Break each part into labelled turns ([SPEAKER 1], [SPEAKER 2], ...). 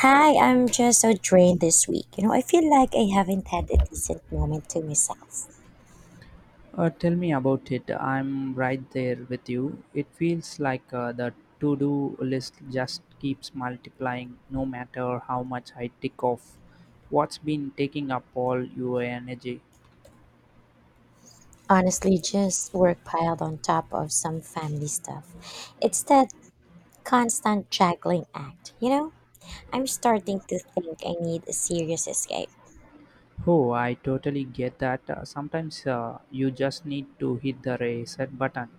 [SPEAKER 1] Hi, I'm just so drained this week. I feel like I haven't had a decent moment to myself.
[SPEAKER 2] Tell me about it. I'm right there with you. It feels like the to do list just keeps multiplying no matter how much I tick off. What's been taking up all your energy?
[SPEAKER 1] Honestly, just work piled on top of some family stuff. It's that constant juggling act, you know? I'm starting to think I need a serious escape.
[SPEAKER 2] Oh, I totally get that. Sometimes you just need to hit the reset button.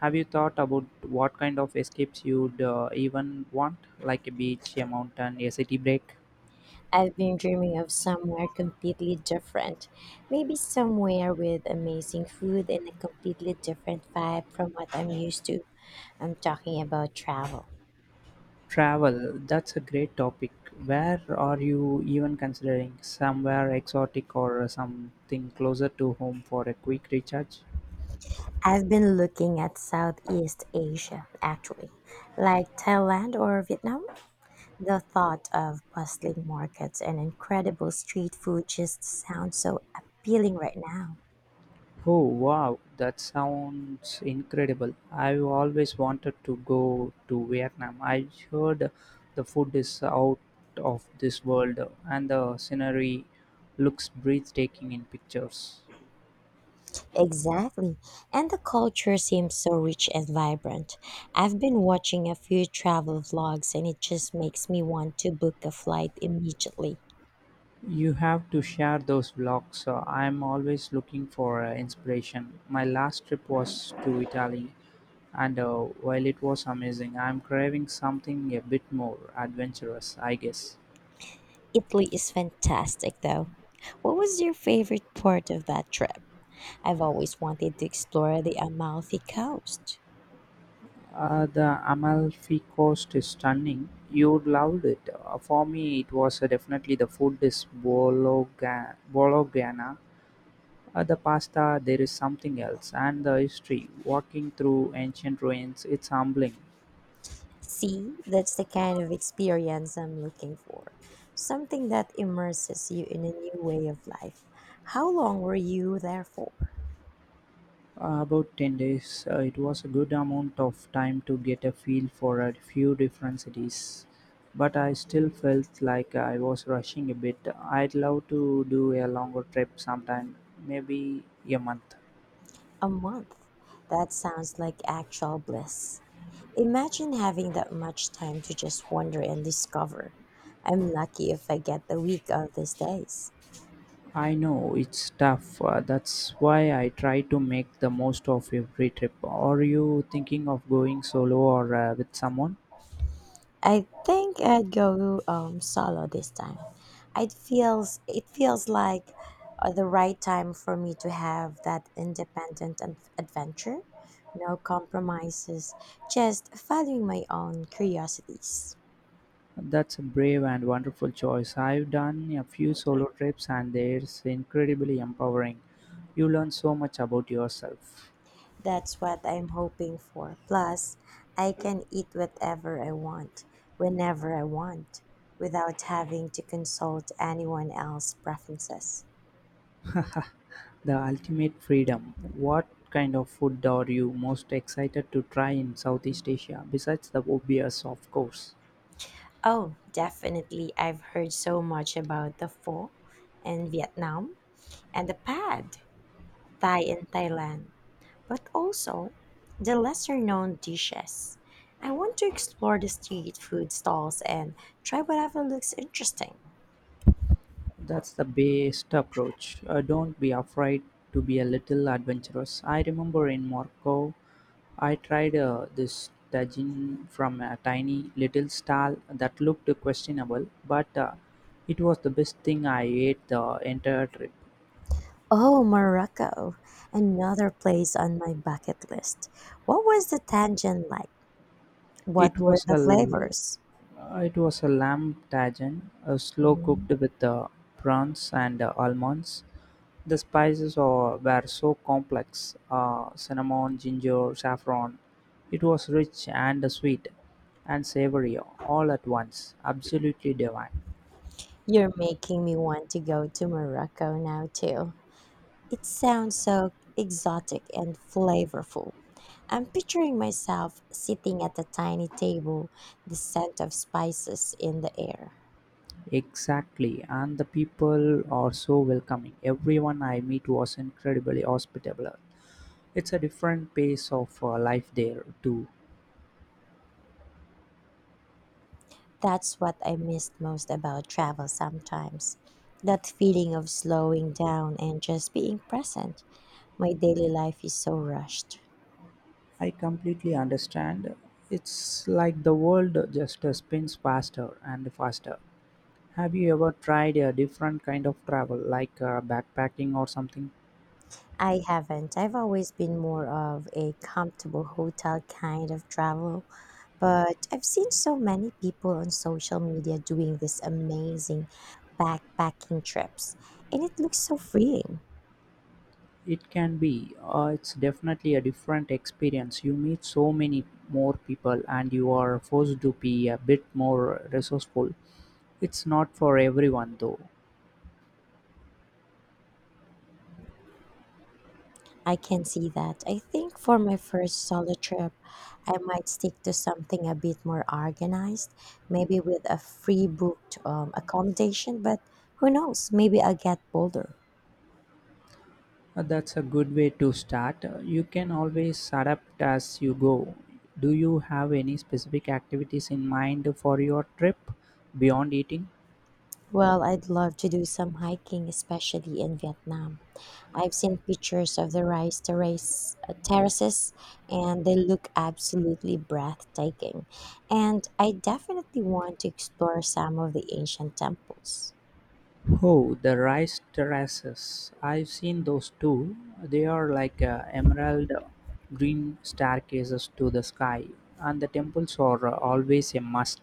[SPEAKER 2] Have you thought about what kind of escapes you'd even want, like a beach, a mountain, a city break?
[SPEAKER 1] I've been dreaming of somewhere completely different. Maybe somewhere with amazing food and a completely different vibe from what I'm used to. I'm talking about travel.
[SPEAKER 2] Travel, that's a great topic. Where are you even considering? Somewhere exotic or something closer to home for a quick recharge?
[SPEAKER 1] I've been looking at Southeast Asia, actually, like Thailand or Vietnam. The thought of bustling markets and incredible street food just sounds so appealing right now.
[SPEAKER 2] Oh wow, that sounds incredible. I've always wanted to go to Vietnam. I heard the food is out of this world and the scenery looks breathtaking in pictures.
[SPEAKER 1] Exactly. And the culture seems so rich and vibrant. I've been watching a few travel vlogs and it just makes me want to book a flight immediately.
[SPEAKER 2] You have to share those vlogs, so I'm always looking for inspiration. My last trip was to Italy, and while it was amazing, I'm craving something a bit more adventurous, I guess.
[SPEAKER 1] Italy is fantastic, though. What was your favorite part of that trip? I've always wanted to explore the Amalfi Coast.
[SPEAKER 2] The Amalfi Coast is stunning. You loved it. For me, it was definitely the food is Bologna. Bologna. The pasta, there is something else, and the history, walking through ancient ruins, it's humbling.
[SPEAKER 1] See, that's the kind of experience I'm looking for. Something that immerses you in a new way of life. How long were you there for?
[SPEAKER 2] About 10 days. It was a good amount of time to get a feel for a few different cities, but I still felt like I was rushing a bit. I'd love to do a longer trip sometime, maybe a month.
[SPEAKER 1] A month. That sounds like actual bliss. Imagine having that much time to just wander and discover. I'm lucky if I get the week of these days.
[SPEAKER 2] I know it's tough. That's why I try to make the most of every trip. Are you thinking of going solo or with someone?
[SPEAKER 1] I think I'd go solo this time. It feels like the right time for me to have that independent adventure, no compromises, just following my own curiosities.
[SPEAKER 2] That's a brave and wonderful choice. I've done a few solo trips and it's incredibly empowering. You learn so much about yourself.
[SPEAKER 1] That's what I'm hoping for. Plus, I can eat whatever I want, whenever I want, without having to consult anyone else's preferences.
[SPEAKER 2] The ultimate freedom. What kind of food are you most excited to try in Southeast Asia besides the obvious, of course?
[SPEAKER 1] Oh, definitely. I've heard so much about the pho in Vietnam and the pad thai in Thailand, but also the lesser known dishes. I want to explore the street food stalls and try whatever looks interesting.
[SPEAKER 2] That's the best approach. Don't be afraid to be a little adventurous. I remember in Morocco, I tried this tagine from a tiny little stall that looked questionable, but it was the best thing I ate the entire trip.
[SPEAKER 1] Oh, Morocco, another place on my bucket list. What was the tangent like? What
[SPEAKER 2] It
[SPEAKER 1] were
[SPEAKER 2] was
[SPEAKER 1] the
[SPEAKER 2] a
[SPEAKER 1] flavors?
[SPEAKER 2] it was a lamb tajine, slow cooked
[SPEAKER 1] Mm,
[SPEAKER 2] with prawns and almonds. The spices were so complex: cinnamon, ginger, saffron. It was rich and sweet and savory all at once. Absolutely divine.
[SPEAKER 1] You're making me want to go to Morocco now, too. It sounds so exotic and flavorful. I'm picturing myself sitting at a tiny table, the scent of spices in the air.
[SPEAKER 2] Exactly, and the people are so welcoming. Everyone I meet was incredibly hospitable. It's a different pace of life there too.
[SPEAKER 1] That's what I missed most about travel sometimes. That feeling of slowing down and just being present. My daily life is so rushed.
[SPEAKER 2] I completely understand. It's like the world just spins faster and faster. Have you ever tried a different kind of travel, like backpacking or something?
[SPEAKER 1] I haven't. I've always been more of a comfortable hotel kind of traveler. But I've seen so many people on social media doing these amazing backpacking trips, and it looks so freeing.
[SPEAKER 2] It can be. It's definitely a different experience. You meet so many more people, and you are forced to be a bit more resourceful. It's not for everyone, though.
[SPEAKER 1] I can see that. I think for my first solo trip, I might stick to something a bit more organized, maybe with a free booked accommodation, but who knows, maybe I'll get bolder.
[SPEAKER 2] That's a good way to start. You can always adapt as you go. Do you have any specific activities in mind for your trip beyond eating?
[SPEAKER 1] Well, I'd love to do some hiking, especially in Vietnam. I've seen pictures of the rice terraces, and they look absolutely breathtaking. And I definitely want to explore some of the ancient temples.
[SPEAKER 2] Oh, the rice terraces. I've seen those too. They are like emerald green staircases to the sky, and the temples are always a must.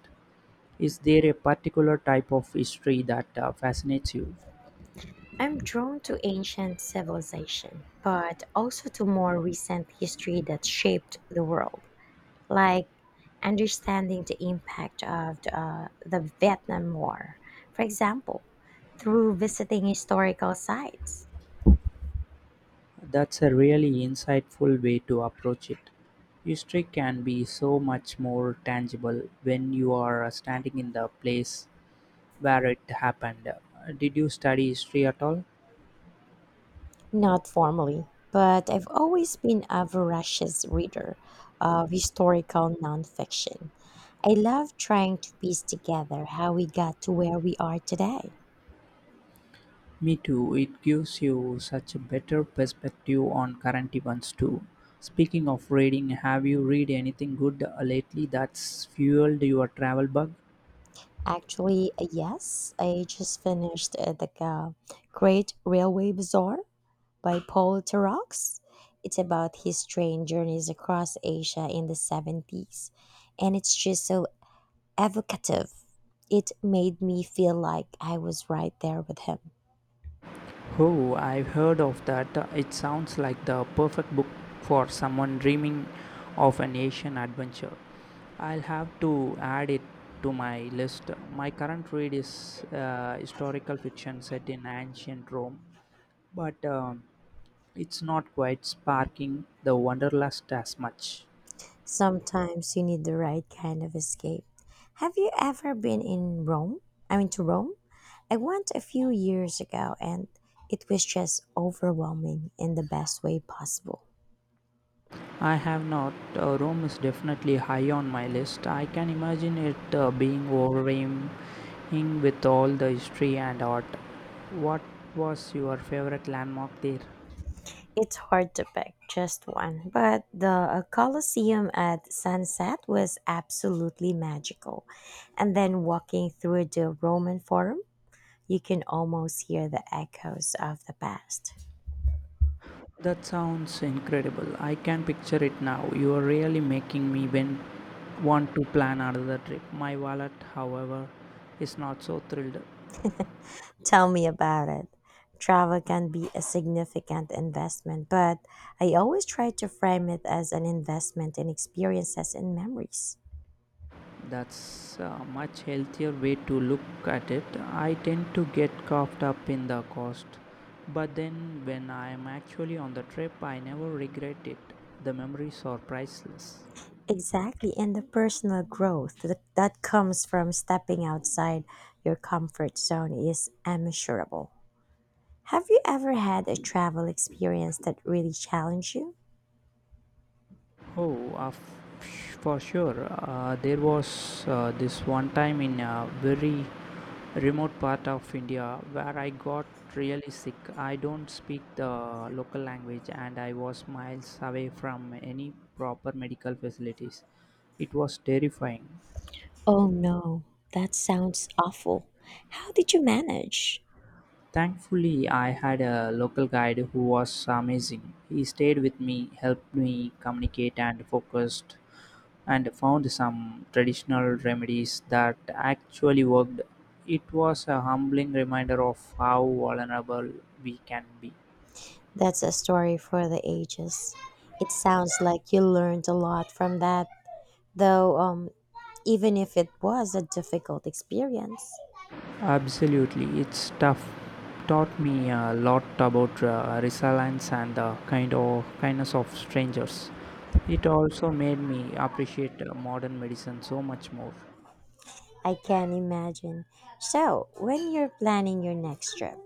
[SPEAKER 2] Is there a particular type of history that fascinates you?
[SPEAKER 1] I'm drawn to ancient civilization, but also to more recent history that shaped the world, like understanding the impact of the Vietnam War, for example, through visiting historical sites.
[SPEAKER 2] That's a really insightful way to approach it. History can be so much more tangible when you are standing in the place where it happened. Did you study history at all?
[SPEAKER 1] Not formally, but I've always been a voracious reader of historical nonfiction. I love trying to piece together how we got to where we are today.
[SPEAKER 2] Me too. It gives you such a better perspective on current events too. Speaking of reading, have you read anything good lately that's fueled your travel bug?
[SPEAKER 1] Actually, yes, I just finished the Great Railway Bazaar by Paul Tarox. It's about his train journeys across Asia in the 70s, and it's just so evocative. It made me feel like I was right there with him.
[SPEAKER 2] Oh, I've heard of that. It sounds like the perfect book for someone dreaming of an Asian adventure. I'll have to add it to my list. My current read is historical fiction set in ancient Rome, but it's not quite sparking the wanderlust as much.
[SPEAKER 1] Sometimes you need the right kind of escape. Have you ever been in Rome? I mean, to Rome? I went a few years ago and it was just overwhelming in the best way possible.
[SPEAKER 2] I have not. Rome is definitely high on my list. I can imagine it being overwhelming with all the history and art. What was your favorite landmark there?
[SPEAKER 1] It's hard to pick just one, but the Colosseum at sunset was absolutely magical. And then walking through the Roman Forum, you can almost hear the echoes of the past.
[SPEAKER 2] That sounds incredible. I can picture it now. You are really making me when want to plan another trip. My wallet, however, is not so thrilled.
[SPEAKER 1] Tell me about it. Travel can be a significant investment, but I always try to frame it as an investment in experiences and memories.
[SPEAKER 2] That's a much healthier way to look at it. I tend to get caught up in the cost, but then when I am actually on the trip, I never regret it. The memories are priceless.
[SPEAKER 1] Exactly, and the personal growth that comes from stepping outside your comfort zone is immeasurable. Have you ever had a travel experience that really challenged you?
[SPEAKER 2] Oh, for sure. There was this one time in a very remote part of India where I got really sick. I don't speak the local language and I was miles away from any proper medical facilities. It was terrifying.
[SPEAKER 1] Oh no, that sounds awful. How did you manage?
[SPEAKER 2] Thankfully, I had a local guide who was amazing. He stayed with me, helped me communicate, and focused and found some traditional remedies that actually worked. It was a humbling reminder of how vulnerable we can be.
[SPEAKER 1] That's a story for the ages. It sounds like you learned a lot from that, though, even if it was a difficult experience.
[SPEAKER 2] Absolutely, it's tough. Taught me a lot about resilience and the kind of kindness of strangers. It also made me appreciate modern medicine so much more.
[SPEAKER 1] I can imagine. So, when you're planning your next trip,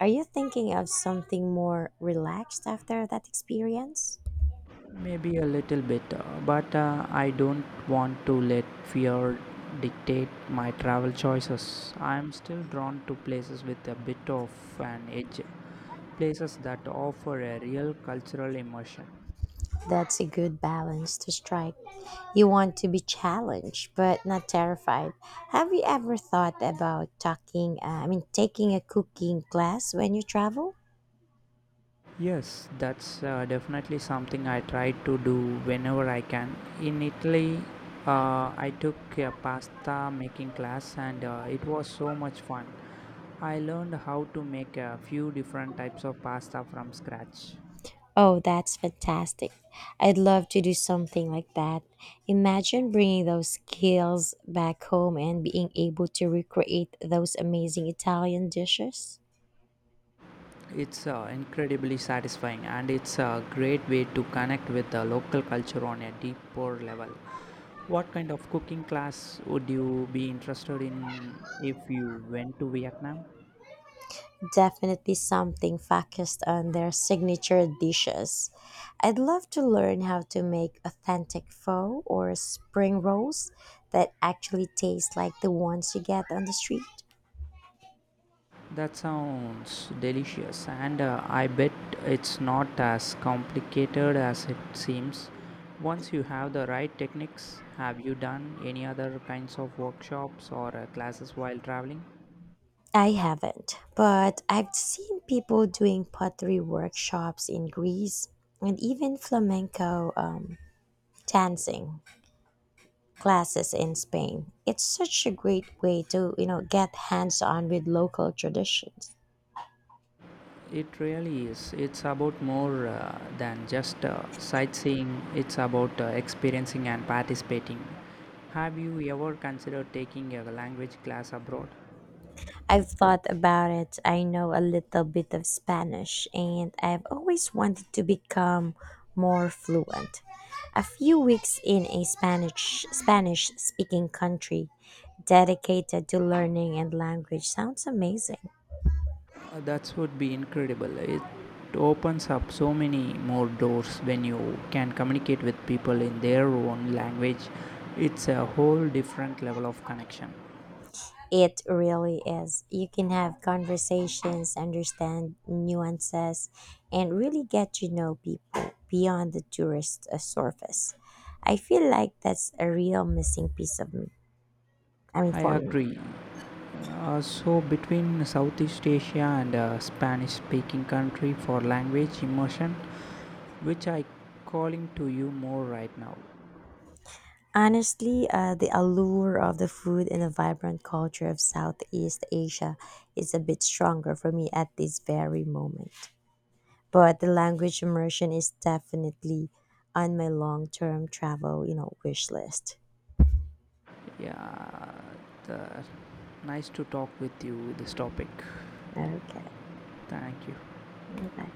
[SPEAKER 1] are you thinking of something more relaxed after that experience?
[SPEAKER 2] Maybe a little bit, but I don't want to let fear dictate my travel choices. I am still drawn to places with a bit of an edge, places that offer a real cultural immersion.
[SPEAKER 1] That's a good balance to strike. You want to be challenged but not terrified. Have you ever thought about I mean, taking a cooking class when you travel?
[SPEAKER 2] Yes, that's definitely something I try to do whenever I can. In Italy, I took a pasta making class and it was so much fun. I learned how to make a few different types of pasta from scratch.
[SPEAKER 1] Oh, that's fantastic. I'd love to do something like that. Imagine bringing those skills back home and being able to recreate those amazing Italian dishes.
[SPEAKER 2] It's incredibly satisfying and it's a great way to connect with the local culture on a deeper level. What kind of cooking class would you be interested in if you went to Vietnam?
[SPEAKER 1] Definitely something focused on their signature dishes. I'd love to learn how to make authentic pho or spring rolls that actually taste like the ones you get on the street.
[SPEAKER 2] That sounds delicious and I bet it's not as complicated as it seems. Once you have the right techniques, have you done any other kinds of workshops or classes while traveling?
[SPEAKER 1] I haven't, but I've seen people doing pottery workshops in Greece and even flamenco dancing classes in Spain. It's such a great way to get hands-on with local traditions.
[SPEAKER 2] It really is. It's about more than just sightseeing, it's about experiencing and participating. Have you ever considered taking a language class abroad?
[SPEAKER 1] I've thought about it. I know a little bit of Spanish and I've always wanted to become more fluent. A few weeks in a Spanish speaking country dedicated to learning and language sounds amazing.
[SPEAKER 2] That would be incredible. It opens up so many more doors when you can communicate with people in their own language. It's a whole different level of connection.
[SPEAKER 1] It really is. You can have conversations, understand nuances, and really get to know people beyond the tourist surface. I feel like that's a real missing piece of me. I mean,
[SPEAKER 2] I
[SPEAKER 1] for me.
[SPEAKER 2] agree. So between Southeast Asia and Spanish speaking country for language immersion, which I calling to you more right now.
[SPEAKER 1] Honestly, the allure of the food and the vibrant culture of Southeast Asia is a bit stronger for me at this very moment. But the language immersion is definitely on my long-term travel wish list.
[SPEAKER 2] Yeah, the, nice to talk with you with this topic.
[SPEAKER 1] Okay.
[SPEAKER 2] Thank you.
[SPEAKER 1] Bye.